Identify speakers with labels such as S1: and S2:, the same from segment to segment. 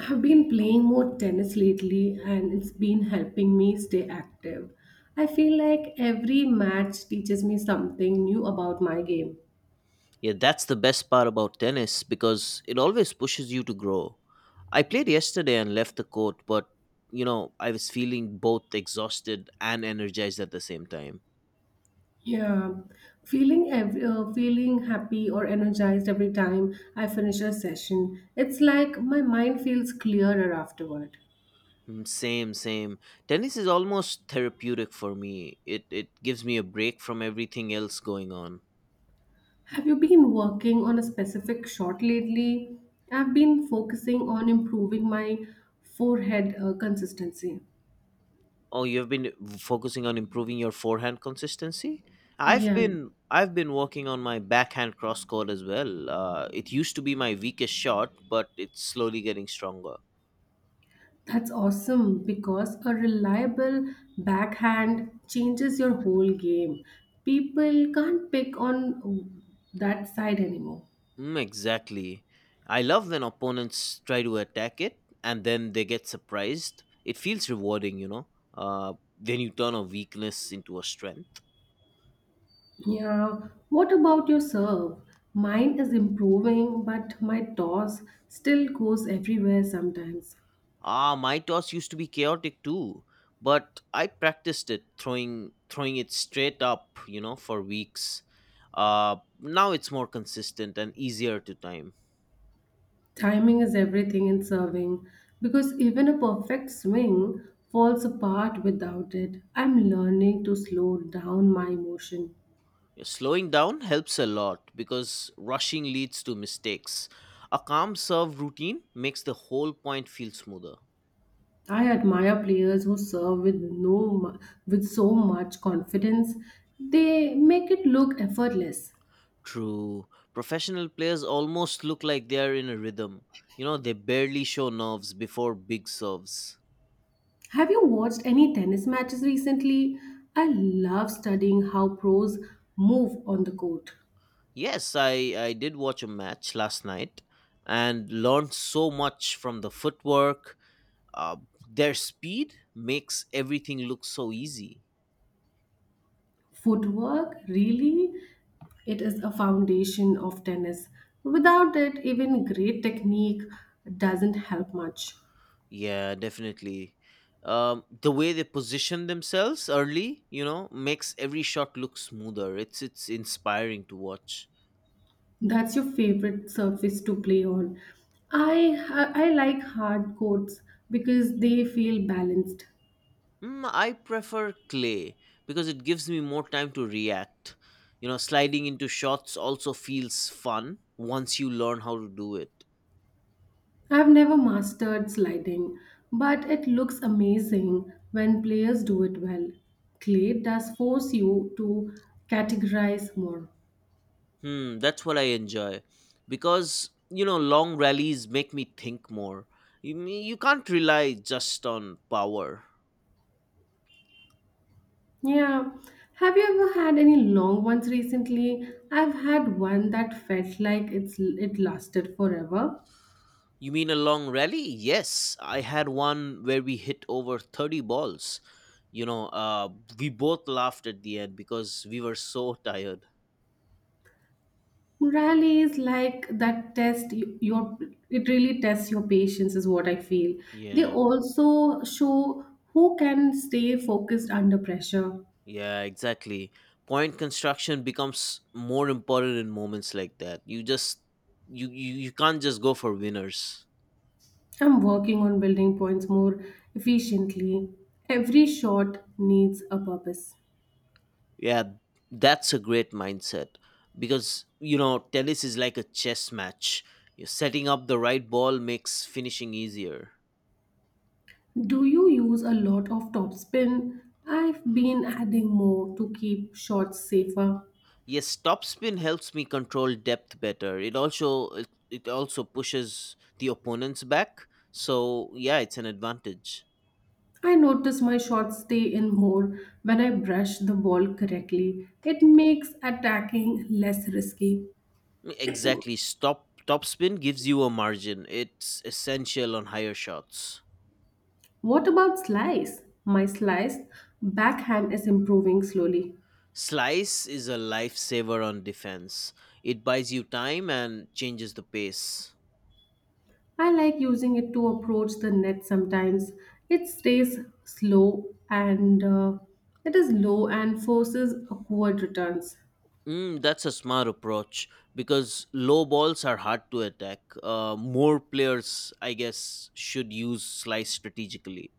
S1: I've been playing more tennis lately and it's been helping me stay active. I feel like every match teaches me something new about my game.
S2: Yeah, that's the best part about tennis because it always pushes you to grow. I played yesterday and left the court, but I was feeling both exhausted and energized at the same time.
S1: Yeah, feeling happy or energized every time I finish a session. It's like my mind feels clearer afterward.
S2: Mm, same, same. Tennis is almost therapeutic for me. It gives me a break from everything else going on.
S1: Have you been working on a specific shot lately? I've been focusing on improving my forehead consistency.
S2: Oh, you've been focusing on improving your forehand consistency? I've
S1: Yeah.
S2: been I've been working on my backhand cross court as well. It used to be my weakest shot, but it's slowly getting stronger.
S1: That's awesome because a reliable backhand changes your whole game. People can't pick on that side anymore.
S2: Mm, exactly. I love when opponents try to attack it and then they get surprised. It feels rewarding. Then you turn a weakness into a strength.
S1: Yeah, what about your serve? Mine is improving, but my toss still goes everywhere sometimes.
S2: Ah, my toss used to be chaotic too, but I practiced it throwing it straight up, for weeks. Now it's more consistent and easier to time.
S1: Timing is everything in serving because even a perfect swing falls apart without it. I'm learning to slow down my emotion.
S2: Yeah, slowing down helps a lot because rushing leads to mistakes. A calm serve routine makes the whole point feel smoother.
S1: I admire players who serve with no mu- with so much confidence. They make it look effortless.
S2: True. Professional players almost look like they are in a rhythm. They barely show nerves before big serves.
S1: Have you watched any tennis matches recently? I love studying how pros move on the court.
S2: Yes, I did watch a match last night and learned so much from the footwork. Uh, their speed makes everything look so easy.
S1: Footwork, really, it is a foundation of tennis. Without it, even great technique doesn't help much.
S2: Yeah, definitely. The way they position themselves early, makes every shot look smoother. It's inspiring to watch.
S1: That's your favorite surface to play on. I like hard courts because they feel balanced.
S2: I prefer clay because it gives me more time to react. Sliding into shots also feels fun once you learn how to do it.
S1: I've never mastered sliding, but it looks amazing when players do it well. Clay does force you to categorize more.
S2: That's what I enjoy because long rallies make me think more. You mean you can't rely just on power.
S1: Yeah. Have you ever had any long ones recently? I've had one that felt like it lasted forever.
S2: You mean a long rally? Yes, I had one where we hit over 30 balls. You know, uh we both laughed at the end because we were so tired.
S1: Morale is like that test you- your it really tests your patience is what I feel. They
S2: Yeah.
S1: also show who can stay focused under pressure.
S2: Yeah, exactly. Point construction becomes more important in moments like that. You can't just go for winners.
S1: I'm working on building points more efficiently. Every shot needs a purpose.
S2: Yeah, that's a great mindset because tennis is like a chess match. You're setting up the right ball makes finishing easier.
S1: Do you use a lot of topspin? I've been adding more to keep shots safer.
S2: Yes, topspin helps me control depth better. It also pushes the opponents back. So yeah, it's an advantage.
S1: I notice my shots stay in more when I brush the ball correctly. It makes attacking less risky.
S2: Exactly. Stop topspin gives you a margin. It's essential on higher shots.
S1: What about slice? My slice backhand is improving slowly.
S2: Slice is a lifesaver on defense. It buys you time and changes the pace.
S1: I like using it to approach the net sometimes. It stays slow and it is low and forces awkward returns.
S2: That's a smart approach because low balls are hard to attack. More players, I guess, should use slice strategically.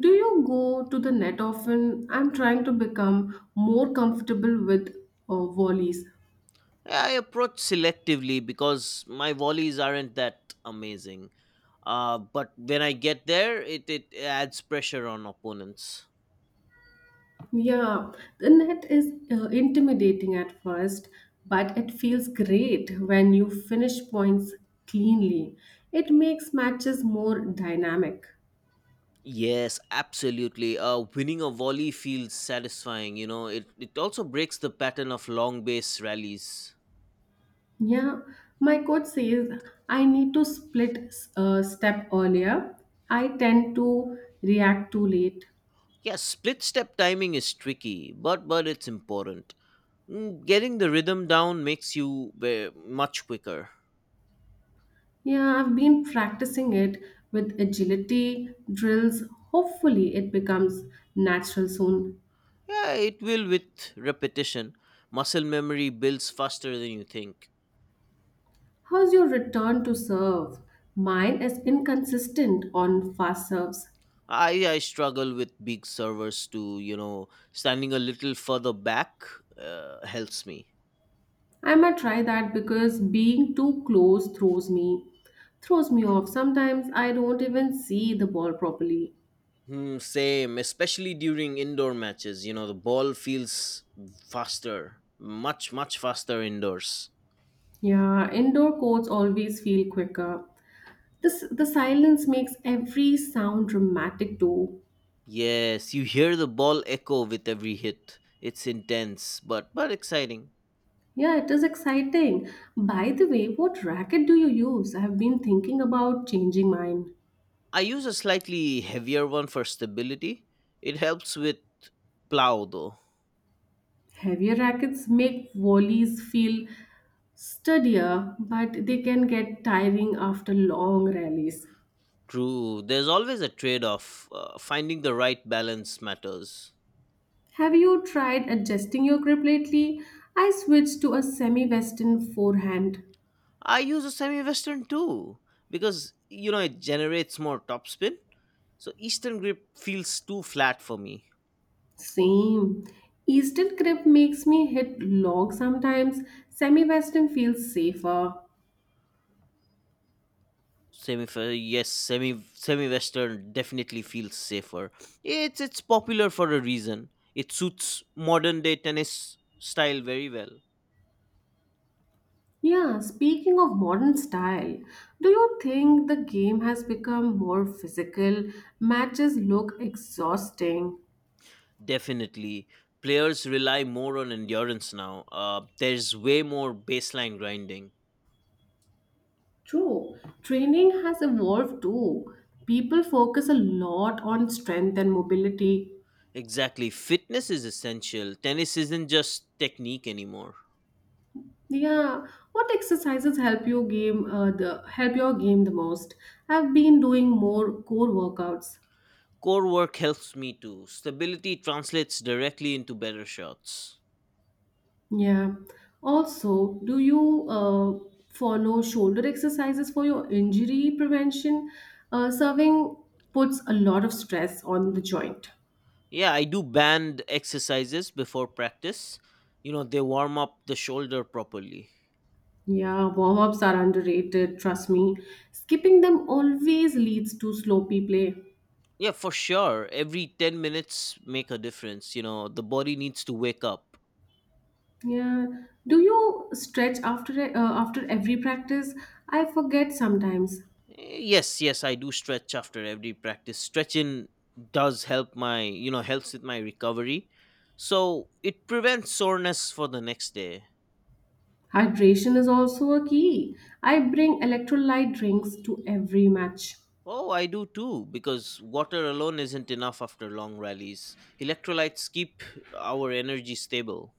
S1: Do you go to the net often? I'm trying to become more comfortable with volleys.
S2: I approach selectively because my volleys aren't that amazing. But when I get there, it adds pressure on opponents.
S1: Yeah, the net is intimidating at first, but it feels great when you finish points cleanly. It makes matches more dynamic.
S2: Yes, absolutely. Winning a volley feels satisfying. It also breaks the pattern of long base rallies.
S1: Yeah, my coach says I need to split step earlier. I tend to react too late.
S2: Yeah, split step timing is tricky, but it's important. Getting the rhythm down makes you much quicker.
S1: Yeah, I've been practicing it with agility drills. Hopefully, it becomes natural soon.
S2: Yeah, it will with repetition. Muscle memory builds faster than you think.
S1: How's your return to serve? Mine is inconsistent on fast serves.
S2: I struggle with big servers to, standing a little further back helps me.
S1: I might try that because being too close throws me off. Sometimes I don't even see the ball properly.
S2: Hmm, same, especially during indoor matches. The ball feels faster, much, much faster indoors.
S1: Yeah, indoor courts always feel quicker. This the silence makes every sound dramatic too.
S2: Yes, you hear the ball echo with every hit. It's intense, but exciting.
S1: Yeah, it is exciting. By the way, what racket do you use? I have been thinking about changing mine.
S2: I use a slightly heavier one for stability. It helps with plow though.
S1: Heavier rackets make volleys feel studier, but they can get tiring after long rallies.
S2: True, there's always a trade off. Finding the right balance matters.
S1: Have you tried adjusting your grip lately? I switched to a semi western forehand.
S2: I use a semi western too because it generates more topspin. So eastern grip feels too flat for me.
S1: Same. Eastern grip makes me hit log sometimes. Semi western feels safer.
S2: Semi yes, semi semi western definitely feels safer. It's popular for a reason. It suits modern day tennis style very well.
S1: Yeah, speaking of modern style, do you think the game has become more physical? Matches look exhausting.
S2: Definitely. Players rely more on endurance now. There's way more baseline grinding.
S1: True. Training has evolved too. People focus a lot on strength and mobility.
S2: Exactly. Fitness is essential. Tennis isn't just technique anymore.
S1: Yeah. What exercises help your game the most? I've been doing more core workouts.
S2: Core work helps me too. Stability translates directly into better shots.
S1: Yeah. Also, do you follow shoulder exercises for your injury prevention? Serving puts a lot of stress on the joint.
S2: Yeah, I do band exercises before practice. They warm up the shoulder properly.
S1: Yeah, warm ups are underrated, trust me. Skipping them always leads to sloppy play.
S2: Yeah, for sure. Every 10 minutes make a difference. The body needs to wake up.
S1: Yeah. Do you stretch after every practice? I forget sometimes.
S2: Yes, yes, I do stretch after every practice. Stretching does help my you know helps with my recovery, so it prevents soreness for the next day.
S1: Hydration is also a key. I bring electrolyte drinks to every match.
S2: Oh, I do too because water alone isn't enough after long rallies. Electrolytes keep our energy stable.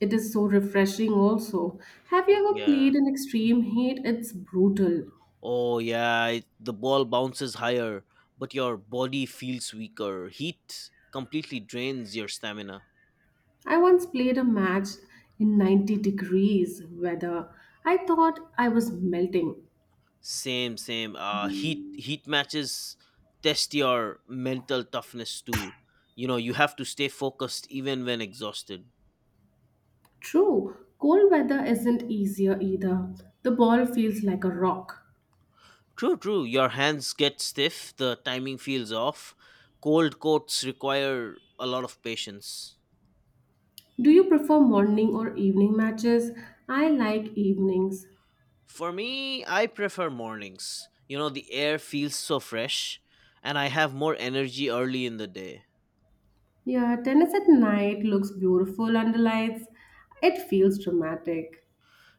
S1: It is so refreshing also. Have you ever
S2: Yeah.
S1: played in extreme heat? It's brutal.
S2: Oh yeah, the ball bounces higher, but your body feels weaker. Heat completely drains your stamina.
S1: I once played a match in 90 degrees weather. I thought I was melting.
S2: Same, same. Heat matches test your mental toughness too. You have to stay focused even when exhausted.
S1: True, cold weather isn't easier either. The ball feels like a rock.
S2: True, true. Your hands get stiff. The timing feels off. Cold coats require a lot of patience.
S1: Do you prefer morning or evening matches? I like evenings.
S2: For me, I prefer mornings. The air feels so fresh, and I have more energy early in the day.
S1: Yeah, tennis at night looks beautiful under lights. It feels dramatic.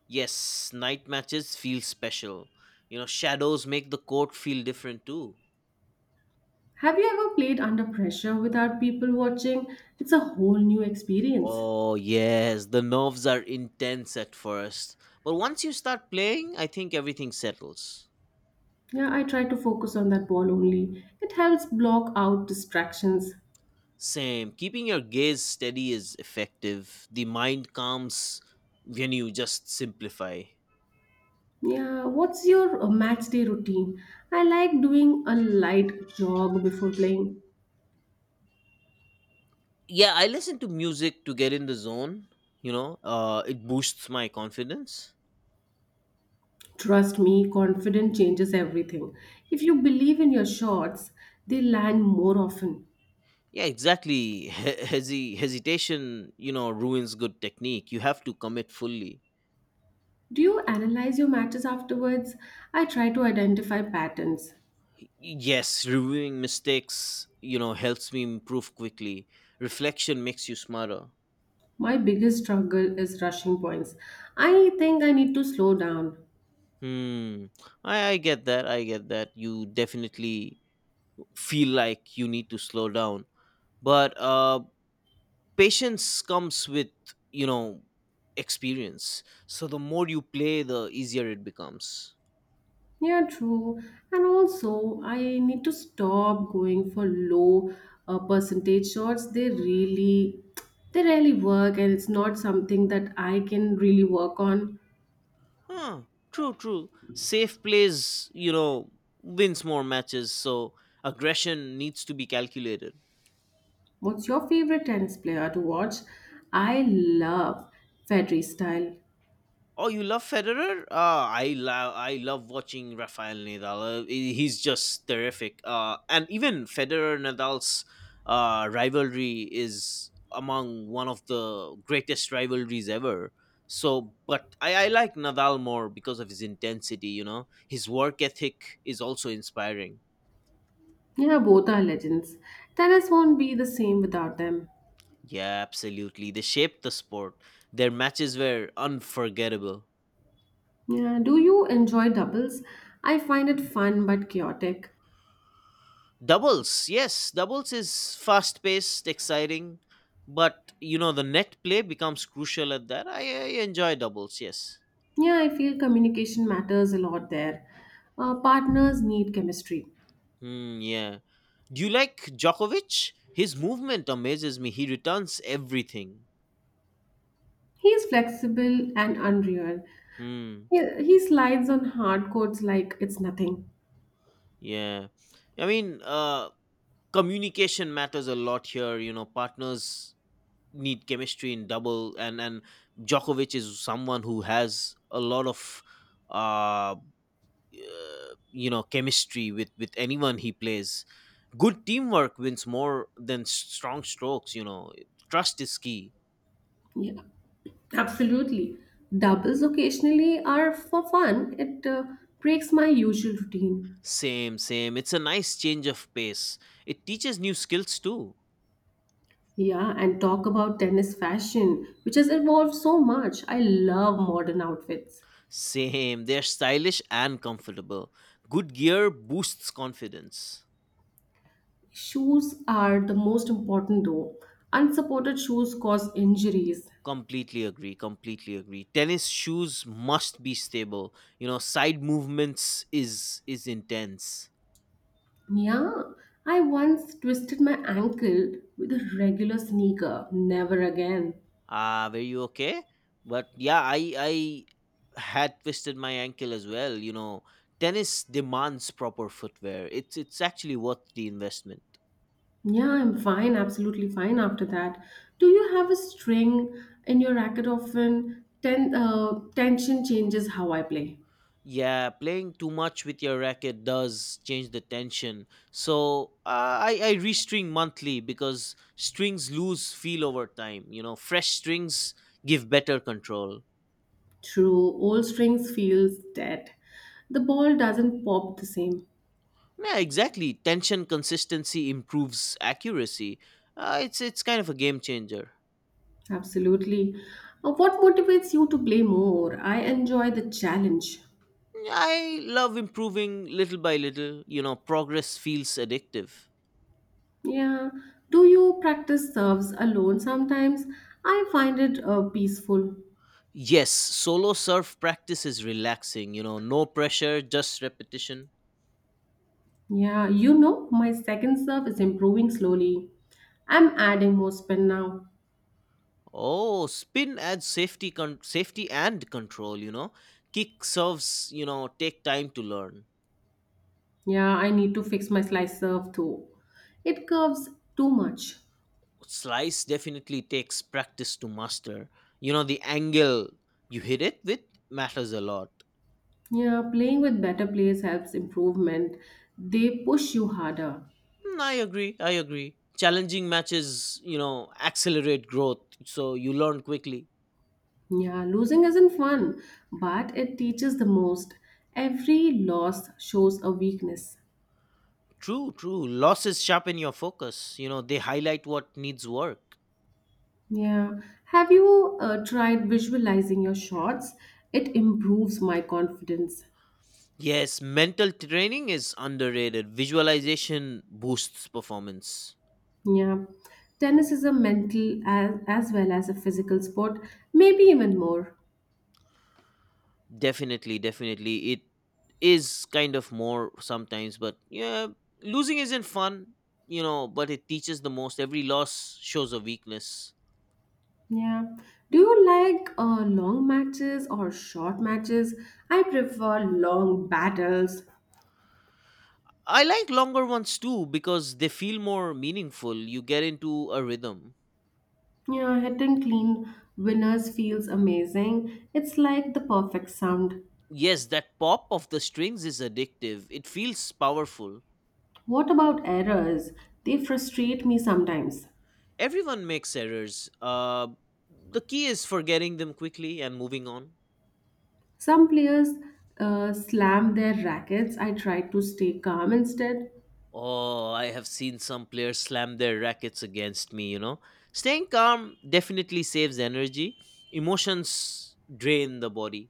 S2: Yes, night matches feel special. Shadows make the court feel different too.
S1: Have you ever played under pressure without people watching? It's a whole new experience.
S2: Oh, yes, the nerves are intense at first, but once you start playing, I think everything settles.
S1: Yeah, I try to focus on that ball only. It helps block out distractions.
S2: Same, keeping your gaze steady is effective. The mind calms when you just simplify.
S1: Yeah, what's your match day routine? I like doing a light jog before playing.
S2: Yeah, I listen to music to get in the zone, it boosts my confidence.
S1: Trust me, confidence changes everything. If you believe in your shots, they land more often.
S2: Yeah, exactly. Hesitation ruins good technique. You have to commit fully.
S1: Do you analyze your matches afterwards? I try to identify patterns.
S2: Yes, reviewing mistakes, helps me improve quickly. Reflection makes you smarter.
S1: My biggest struggle is rushing points. I think I need to slow down.
S2: Hmm. I get that. I get that. You definitely feel like you need to slow down. But patience comes with, you know, experience. So the more you play, the easier it becomes.
S1: Yeah, true. And also, I need to stop going for low percentage shots. They really work, and it's not something that I can really work on.
S2: Huh. True, true. Safe plays wins more matches. So aggression needs to be calculated.
S1: What's your favorite tennis player to watch? I love Federer style.
S2: Oh, you love Federer? I love watching Rafael Nadal. He's just terrific. And even Federer Nadal's rivalry is among one of the greatest rivalries ever. So, but I like Nadal more because of his intensity. His work ethic is also inspiring.
S1: Yeah, both are legends. Tennis won't be the same without them.
S2: Yeah, absolutely. They shaped the sport. Their matches were unforgettable.
S1: Yeah, do you enjoy doubles? I find it fun but chaotic.
S2: Doubles, yes, doubles is fast paced, exciting, but the net play becomes crucial at that. I enjoy doubles, yes.
S1: Yeah, I feel communication matters a lot there. Partners need chemistry.
S2: Hmm, yeah. Do you like Djokovic? His movement amazes me. He returns everything.
S1: He's flexible and unreal.
S2: Hmm,
S1: He slides on hard codes like it's nothing.
S2: yeah. I mean, communication matters a lot here. Partners need chemistry in double, and Djokovic is someone who has a lot of uh chemistry with anyone he plays. Good teamwork wins more than strong strokes. Trust is key.
S1: Yeah, absolutely. Doubles occasionally are for fun. It breaks my usual routine.
S2: Same, same. It's a nice change of pace. It teaches new skills too.
S1: Yeah, and talk about tennis fashion, which has evolved so much. I love modern outfits.
S2: Same, they're stylish and comfortable. Good gear boosts confidence.
S1: Shoes are the most important though. Unsupported shoes cause injuries.
S2: Completely agree, completely agree. Tennis shoes must be stable. Side movements is intense.
S1: Yeah, I once twisted my ankle with a regular sneaker. Never again.
S2: Were you okay? But yeah, I had twisted my ankle as well. Tennis demands proper footwear. It's actually worth the investment.
S1: Yeah, I'm fine, absolutely fine after that. Do you have a string in your racket often? Tension changes how I play.
S2: Yeah, playing too much with your racket does change the tension, so I restring monthly because strings lose feel over time. Fresh strings give better control.
S1: True, old strings feels dead. The ball doesn't pop the same.
S2: Yeah, exactly. Tension consistency improves accuracy. It's kind of a game changer.
S1: Absolutely. What motivates you to play more? I enjoy the challenge.
S2: I love improving little by little. Progress feels addictive.
S1: Yeah. Do you practice serves alone sometimes? I find it peaceful.
S2: Yes, solo surf practice is relaxing. No pressure, just repetition.
S1: Yeah, my second serve is improving slowly. I'm adding more spin now.
S2: Oh, spin adds safety and control. Kick serves. Take time to learn.
S1: Yeah, I need to fix my slice serve too. It curves too much.
S2: Slice definitely takes practice to master. The angle you hit it with matters a lot.
S1: Yeah, playing with better players helps improvement. They push you harder.
S2: I agree. I agree. Challenging matches, accelerate growth, so you learn quickly.
S1: Yeah, losing isn't fun, but it teaches the most. Every loss shows a weakness.
S2: True, true. Losses sharpen your focus. They highlight what needs work.
S1: Yeah. Have you tried visualizing your shots? It improves my confidence.
S2: Yes, mental training is underrated. Visualization boosts performance.
S1: Yeah. Tennis is a mental as well as a physical sport, maybe even more.
S2: Definitely, definitely. It is kind of more sometimes, but yeah, losing isn't fun, but it teaches the most. Every loss shows a weakness.
S1: Yeah. Do you like long matches or short matches? I prefer long battles.
S2: I like longer ones too because they feel more meaningful. You get into a rhythm.
S1: Yeah, hitting clean winners feels amazing. It's like the perfect sound.
S2: Yes, that pop of the strings is addictive. It feels powerful.
S1: What about errors? They frustrate me sometimes.
S2: Everyone makes errors. The key is forgetting them quickly and moving on.
S1: Some players slam their rackets. I try to stay calm instead.
S2: Oh, I have seen some players slam their rackets against me. Staying calm definitely saves energy. Emotions drain the body.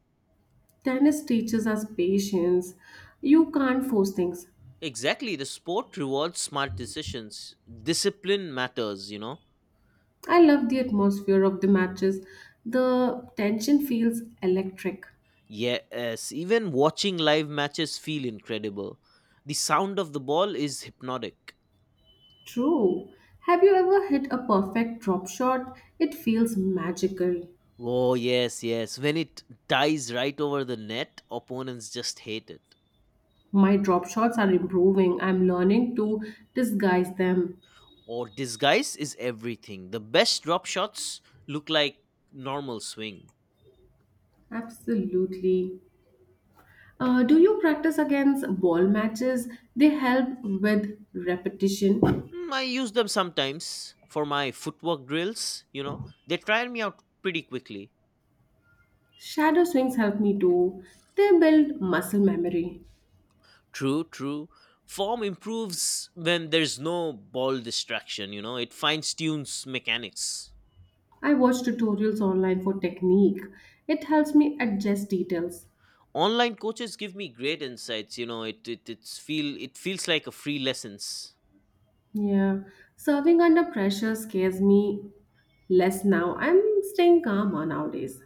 S1: Tennis teaches us patience. You can't force things.
S2: Exactly. The sport rewards smart decisions. Discipline matters.
S1: I love the atmosphere of the matches. The tension feels electric.
S2: Yes, even watching live matches feel incredible. The sound of the ball is hypnotic.
S1: True. Have you ever hit a perfect drop shot? It feels magical.
S2: Oh, yes, yes. When it dies right over the net, opponents just hate it.
S1: My drop shots are improving. I'm learning to disguise them.
S2: Or disguise is everything. The best drop shots look like normal swing.
S1: Absolutely. Do you practice against ball matches? They help with repetition.
S2: I use them sometimes for my footwork drills. They tire me out pretty quickly.
S1: Shadow swings help me too. They build muscle memory.
S2: True, true. Form improves when there's no ball distraction. It fines tunes mechanics.
S1: I watch tutorials online for technique. It helps me adjust details.
S2: Online coaches give me great insights. It feels like a free lessons.
S1: Yeah, serving under pressure scares me less now. I'm staying calmer nowadays.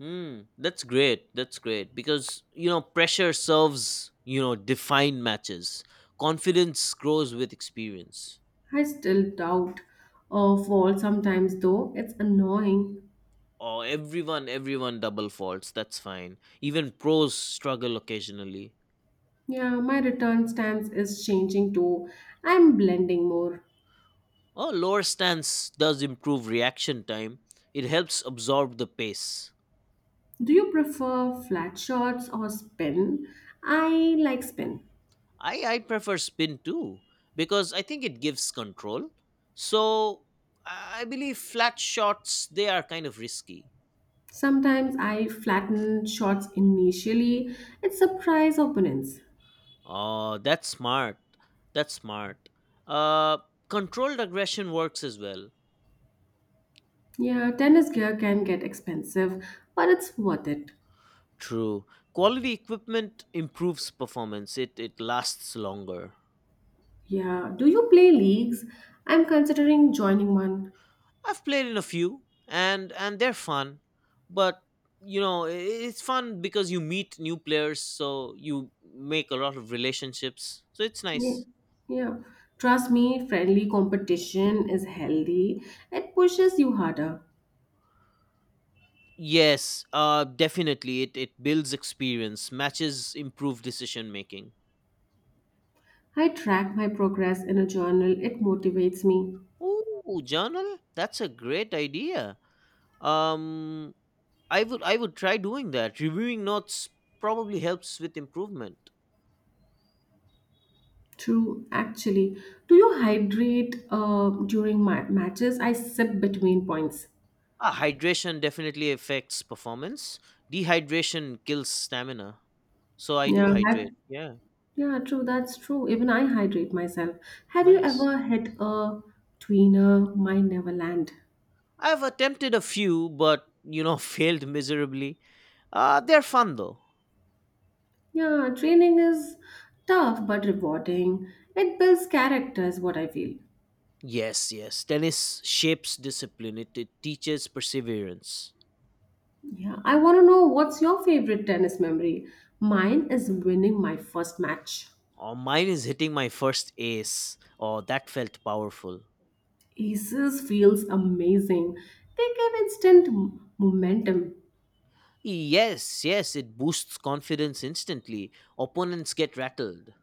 S2: That's great. That's great because pressure serves defined matches. Confidence grows with experience.
S1: I still doubt or fall sometimes, though it's annoying.
S2: Oh, everyone double faults. That's fine. Even pros struggle occasionally.
S1: Yeah, my return stance is changing too. I'm blending more.
S2: Oh, lower stance does improve reaction time. It helps absorb the pace.
S1: Do you prefer flat shots or spin? I like spin.
S2: I prefer spin too because I think it gives control. So I I believe flat shots they are kind of risky.
S1: Sometimes I flatten shots initially. It surprise opponents.
S2: Oh, that's smart. That's smart. Uh, Controlled aggression works as well.
S1: Yeah, tennis gear can get expensive, but it's worth it.
S2: True. Quality equipment improves performance. It lasts longer.
S1: Yeah. Do you play leagues? I'm considering joining one.
S2: I've played in a few, and they're fun, but you know, it's fun because you meet new players, so you make a lot of relationships. So it's
S1: Yeah.
S2: nice.
S1: Yeah. Trust me, friendly competition is healthy. It pushes you harder.
S2: Yes, definitely. It builds experience, matches improve decision making.
S1: I track my progress in a journal. It motivates me.
S2: Ooh, journal? That's a great idea. Um, I would try doing that. Reviewing notes probably helps with improvement.
S1: True, actually. Do you hydrate during matches? I sip between points.
S2: Ah, hydration definitely affects performance. Dehydration kills stamina. So I do
S1: Yeah,
S2: hydrate. Yeah,
S1: yeah, true. That's true. Even I hydrate myself. Have you
S2: nice.
S1: ever hit a tweener? Mine never land.
S2: I've attempted a few, but you know, failed miserably. They're fun though.
S1: Yeah, training is tough but rewarding. It builds character, is what I feel.
S2: Yes, yes. Tennis shapes discipline. It teaches perseverance.
S1: Yeah, I want to know what's your favorite tennis memory? Mine is winning my first match.
S2: Oh, mine is hitting my first ace. Oh, that felt powerful.
S1: Aces feels amazing. They give instant momentum.
S2: Yes, yes, it boosts confidence instantly. Opponents get rattled.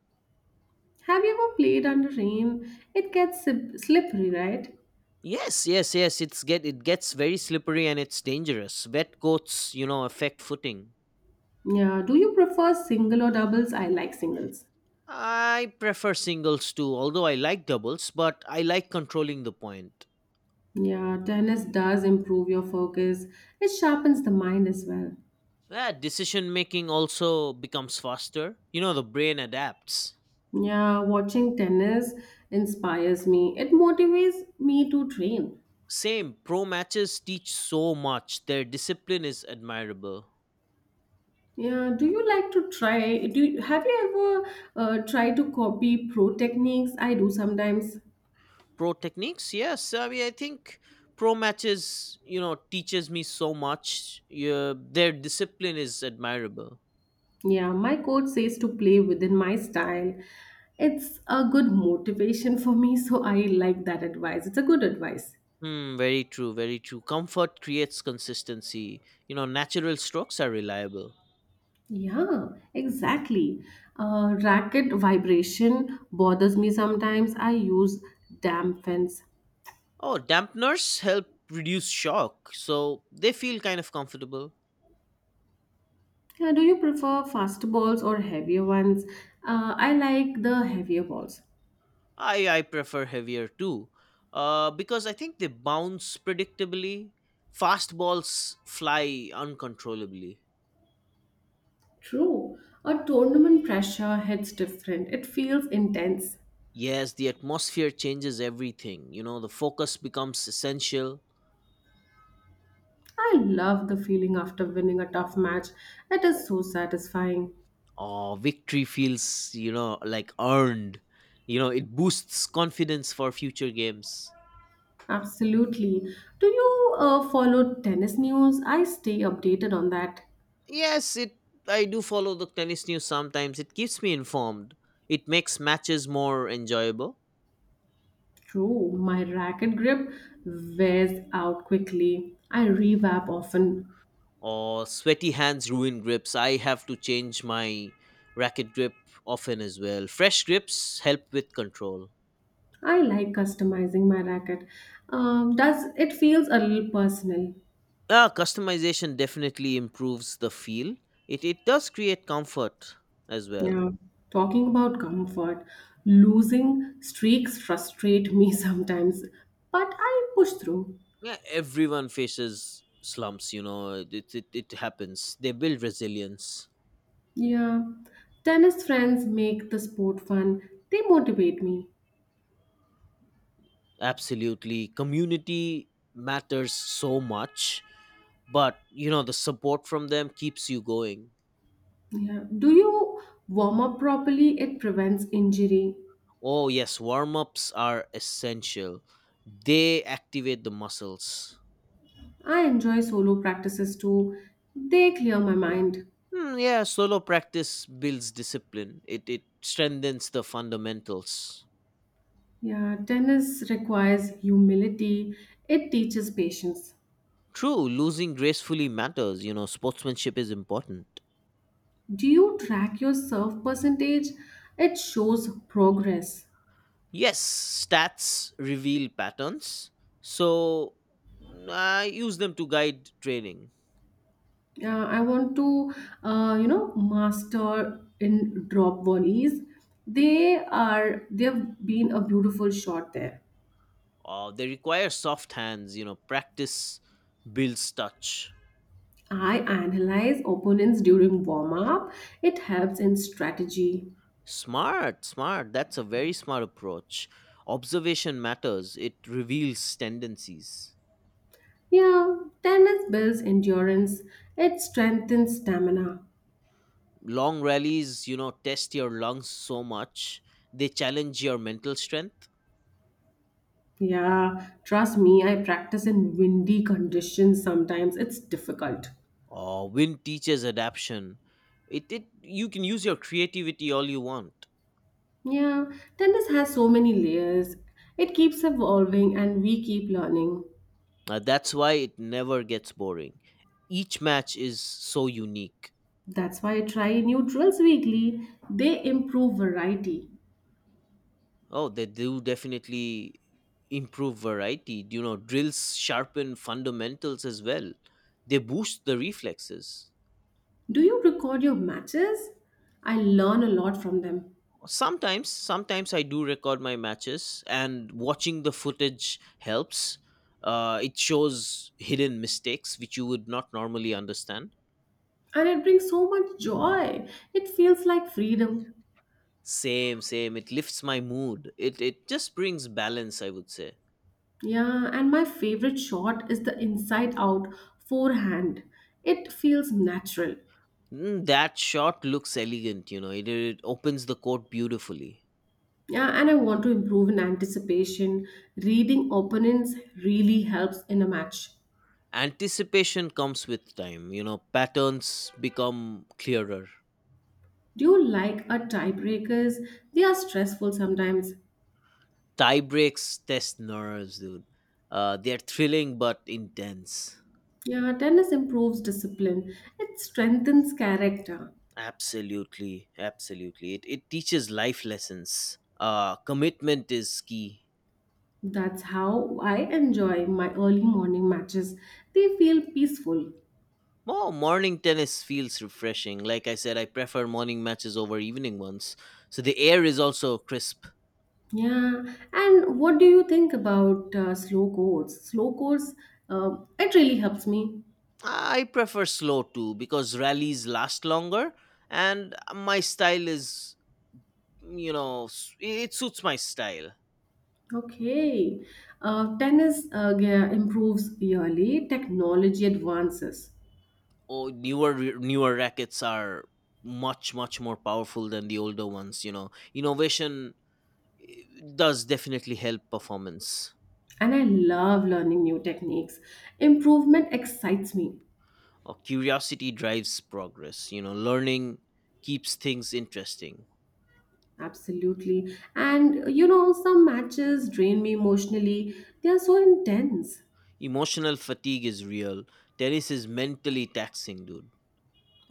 S1: Have you ever played under rain? It gets slippery, right?
S2: Yes, yes, yes, it gets very slippery and it's dangerous. Wet coats, you know, affect footing.
S1: Yeah. Do you prefer single or doubles? I like singles.
S2: I prefer singles too, although I like doubles, but I like controlling the point.
S1: Yeah, tennis does improve your focus. It sharpens the mind as well.
S2: Yeah, decision making also becomes faster. You know, the brain adapts.
S1: Yeah, watching tennis inspires me. It motivates me to train.
S2: Same, pro matches teach so much. Their discipline is admirable.
S1: Yeah, do you like to try? Have you ever tried to copy pro techniques? I do sometimes.
S2: Pro techniques, yes, I mean, I think pro matches, you know, teaches me so much, yeah, their discipline is admirable.
S1: Yeah, my coach says to play within my style. It's a good motivation for me, so I like that advice. It's a good advice.
S2: Hmm, very true, very true. Comfort creates consistency. You know, natural strokes are reliable.
S1: Yeah, exactly. Racket vibration bothers me sometimes. I use dampens.
S2: Oh, dampeners help reduce shock, so they feel kind of comfortable.
S1: Yeah, do you prefer faster balls or heavier ones? I like the heavier balls.
S2: I prefer heavier too, because I think they bounce predictably. Fast balls fly uncontrollably.
S1: True. A tournament pressure hits different. It feels intense.
S2: Yes, the atmosphere changes everything. You know, the focus becomes essential.
S1: I love the feeling after winning a tough match. It is so satisfying.
S2: Oh, victory feels, you know, like earned. You know, it boosts confidence for future games.
S1: Absolutely. Do you follow tennis news? I stay updated on that.
S2: Yes, it I do follow the tennis news sometimes. It keeps me informed. It makes matches more enjoyable.
S1: True, my racket grip wears out quickly. I revamp often.
S2: Or sweaty hands ruin grips. I have to change my racket grip often as well. Fresh grips help with control.
S1: I like customizing my racket. Does it feels a little personal?
S2: Yeah, customization definitely improves the feel. It does create comfort as well.
S1: Yeah. Talking about comfort, losing streaks frustrate me sometimes, but I push through.
S2: Yeah, everyone faces slumps, you know, it happens. They build resilience.
S1: Yeah, tennis friends make the sport fun. They motivate me.
S2: Absolutely. Community matters so much, but you know, the support from them keeps you going.
S1: Yeah. Do you warm up properly? It prevents injury.
S2: Oh yes, warm-ups are essential. They activate the muscles.
S1: I enjoy solo practices too. They clear my mind.
S2: Hmm, yeah, solo practice builds discipline. It strengthens the fundamentals.
S1: Yeah, tennis requires humility. It teaches patience.
S2: True, losing gracefully matters. You know, sportsmanship is important.
S1: Do you track your serve percentage? It shows progress.
S2: Yes, stats reveal patterns, so I use them to guide training.
S1: I want to, master in drop volleys. They've been a beautiful shot there.
S2: They require soft hands. You know, practice builds touch.
S1: I analyze opponents during warm up. It helps in strategy.
S2: Smart, smart. That's a very smart approach. Observation matters. It reveals tendencies.
S1: Yeah, tennis builds endurance. It strengthens stamina.
S2: Long rallies, you know, test your lungs so much. They challenge your mental strength,
S1: Yeah, trust me, I practice in windy conditions sometimes. It's difficult.
S2: or wind teaches adaption. It you can use your creativity all you want.
S1: Yeah, tennis has so many layers. It keeps evolving and we keep learning.
S2: That's why it never gets boring. Each match is so unique.
S1: That's why I try new drills weekly. They improve variety.
S2: Oh, they do definitely improve variety, you know. Drills sharpen fundamentals as well. They boost the reflexes.
S1: Do you record your matches? I learn a lot from them.
S2: Sometimes sometimes I do record my matches, and watching the footage helps. It shows hidden mistakes which you would not normally understand.
S1: And it brings so much joy. It feels like freedom.
S2: Same, same. It lifts my mood. It just brings balance, I would say.
S1: Yeah, and my favorite shot is the inside out forehand. It feels natural.
S2: Mm, that shot looks elegant, you know. It opens the court beautifully.
S1: Yeah, and I want to improve in anticipation. Reading opponents really helps in a match.
S2: Anticipation comes with time, you know. Patterns become clearer.
S1: Do you like a tiebreakers? They are stressful sometimes.
S2: Tie breaks test nerves, dude. They're thrilling but intense.
S1: Yeah, tennis improves discipline. It strengthens character.
S2: Absolutely, absolutely. It teaches life lessons. Commitment is key.
S1: That's how I enjoy my early morning matches. They feel peaceful.
S2: Oh, morning tennis feels refreshing. Like I said, I prefer morning matches over evening ones. So the air is also crisp.
S1: Yeah, and what do you think about slow courts? Slow courts, it really helps me.
S2: I prefer slow too because rallies last longer, and my style is, you know, it suits my style.
S1: Okay, tennis improves yearly. Technology advances,
S2: Oh, newer rackets are much more powerful than the older ones, you know. Innovation does definitely help performance.
S1: and I love learning new techniques. Improvement excites me.
S2: Or curiosity drives progress, you know, learning keeps things interesting.
S1: Absolutely. And you know, some matches drain me emotionally. They are so intense.
S2: Emotional fatigue is real. Tennis is mentally taxing, dude.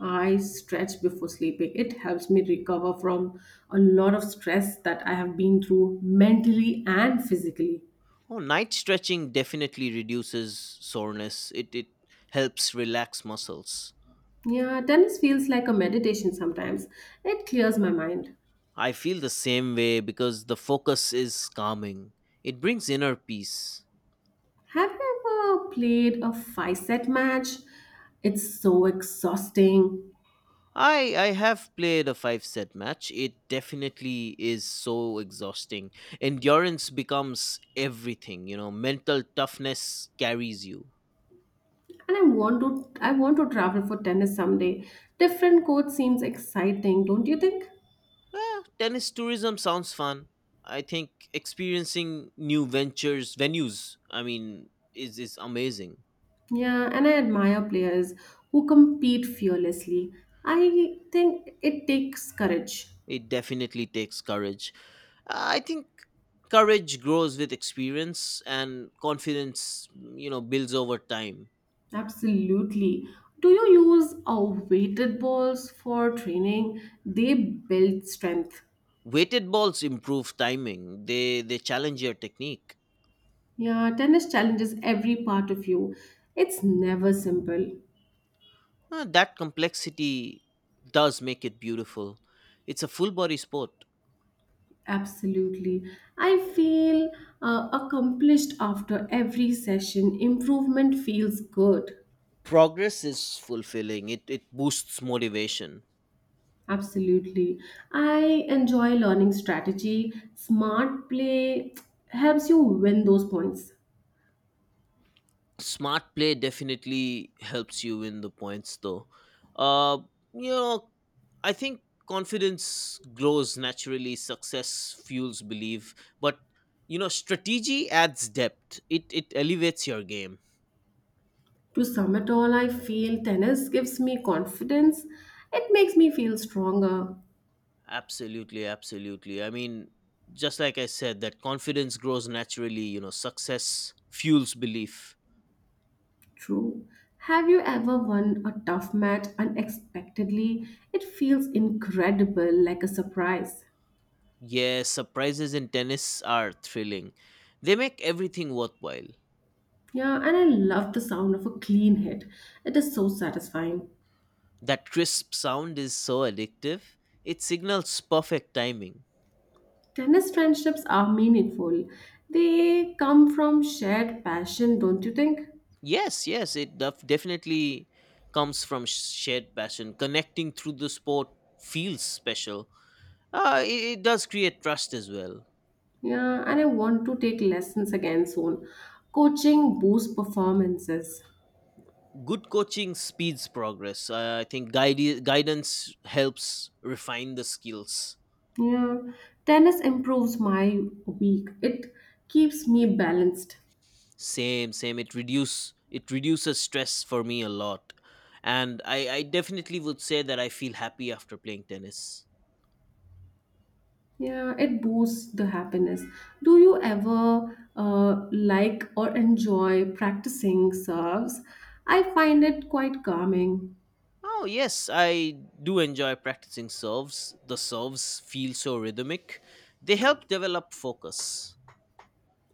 S1: I stretch before sleeping. It helps me recover from a lot of stress that I have been through mentally and physically.
S2: Oh, night stretching definitely reduces soreness. It helps relax muscles.
S1: Yeah, tennis feels like a meditation sometimes. It clears my mind.
S2: I feel the same way because the focus is calming. It brings inner peace.
S1: Have you ever played a five set match? It's so exhausting.
S2: I have played a 5 set match. It definitely is so exhausting. Endurance becomes everything, you know. Mental toughness carries you.
S1: And I want to travel for tennis someday. Different court seems exciting, don't you think?
S2: Eh, tennis tourism sounds fun. I think experiencing new ventures, venues, I mean, is amazing.
S1: Yeah, and I admire players who compete fearlessly. I think it takes courage.
S2: It definitely takes courage. I think courage grows with experience and confidence, you know, builds over time.
S1: Absolutely. Do you use weighted balls for training? They build strength.
S2: Weighted balls improve timing. They challenge your technique.
S1: Yeah, tennis challenges every part of you. It's never simple.
S2: That complexity does make it beautiful. It's a full body sport.
S1: Absolutely. I feel accomplished after every session. Improvement feels good.
S2: Progress is fulfilling. It boosts motivation.
S1: Absolutely. I enjoy learning strategy. Smart play helps you win those points.
S2: Smart play definitely helps you win the points though. uh you know, I think confidence grows naturally, success fuels belief, but you know, strategy adds depth. It elevates your game.
S1: To sum it all, I feel tennis gives me confidence. It makes me feel stronger.
S2: Absolutely, absolutely. I mean, just like I said, that confidence grows naturally, you know, success fuels belief.
S1: True. Have you ever won a tough match unexpectedly? It feels incredible, like a surprise.
S2: Yes, surprises in tennis are thrilling, they make everything worthwhile.
S1: Yeah, and I love the sound of a clean hit. It is so satisfying.
S2: That crisp sound is so addictive. It signals perfect timing.
S1: Tennis friendships are meaningful. They come from shared passion, don't you think?
S2: Yes, yes, it definitely comes from shared passion. Connecting through the sport feels special. It does create trust as well.
S1: Yeah, and I want to take lessons again soon. Coaching boosts performances.
S2: Good coaching speeds progress. I think guidance helps refine the skills.
S1: Yeah, tennis improves my week. It keeps me balanced.
S2: Same, same. It reduces stress for me a lot, and I definitely would say that I feel happy after playing tennis.
S1: Yeah, it boosts the happiness. Do you ever like or enjoy practicing serves? I find it quite calming.
S2: Oh, yes, I do enjoy practicing serves. The serves feel so rhythmic, they help develop focus.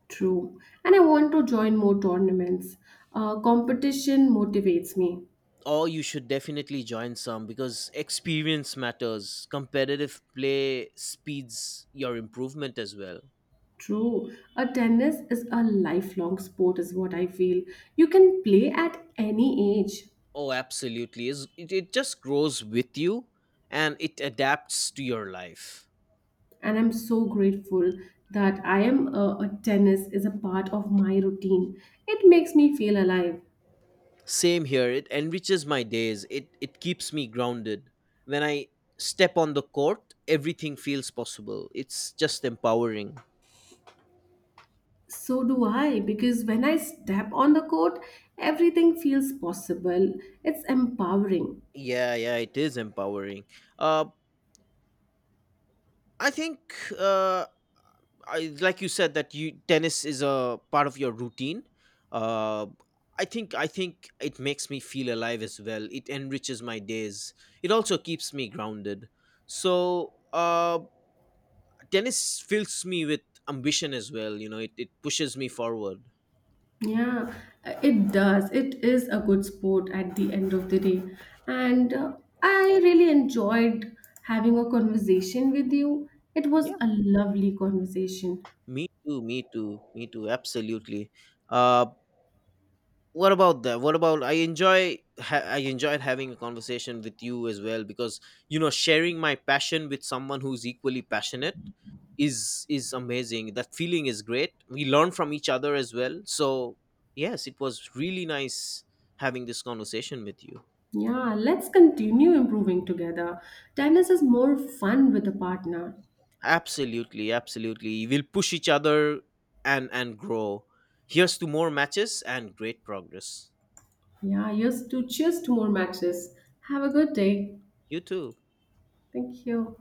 S1: True. And I want to join more tournaments. Competition motivates me.
S2: Or you should definitely join some because experience matters. Competitive play speeds your improvement as well.
S1: True. A tennis is a lifelong sport, is what I feel. You can play at any age.
S2: Oh, absolutely. Is It it just grows with you, and it adapts to your life.
S1: And I'm so grateful that I am a, tennis is a part of my routine. It makes me feel alive.
S2: Same here. It enriches my days. It keeps me grounded. When I step on the court, everything feels possible. It's just empowering.
S1: So do I, because when I step on the court, everything feels possible. It's empowering.
S2: Yeah, yeah, it is empowering. Uh, I think, uh, like you said, that you tennis is a part of your routine. Uh, I think it makes me feel alive as well. It enriches my days. It also keeps me grounded. So, tennis fills me with ambition as well, you know, it pushes me forward.
S1: Yeah, it does. It is a good sport at the end of the day. And I really enjoyed having a conversation with you. It was
S2: Yeah,
S1: a lovely conversation.
S2: me too, absolutely. uh what about that what about I enjoyed having a conversation with you as well, because you know, sharing my passion with someone who's equally passionate is amazing. That feeling is great, we learn from each other as well, so yes, it was really nice having this conversation with you.
S1: Yeah, let's continue improving together. Tennis is more fun with a partner.
S2: Absolutely, absolutely. We'll push each other and grow. Here's to more matches and great progress.
S1: Yeah, yes, to cheers to more matches. Have a good day.
S2: You too.
S1: Thank you.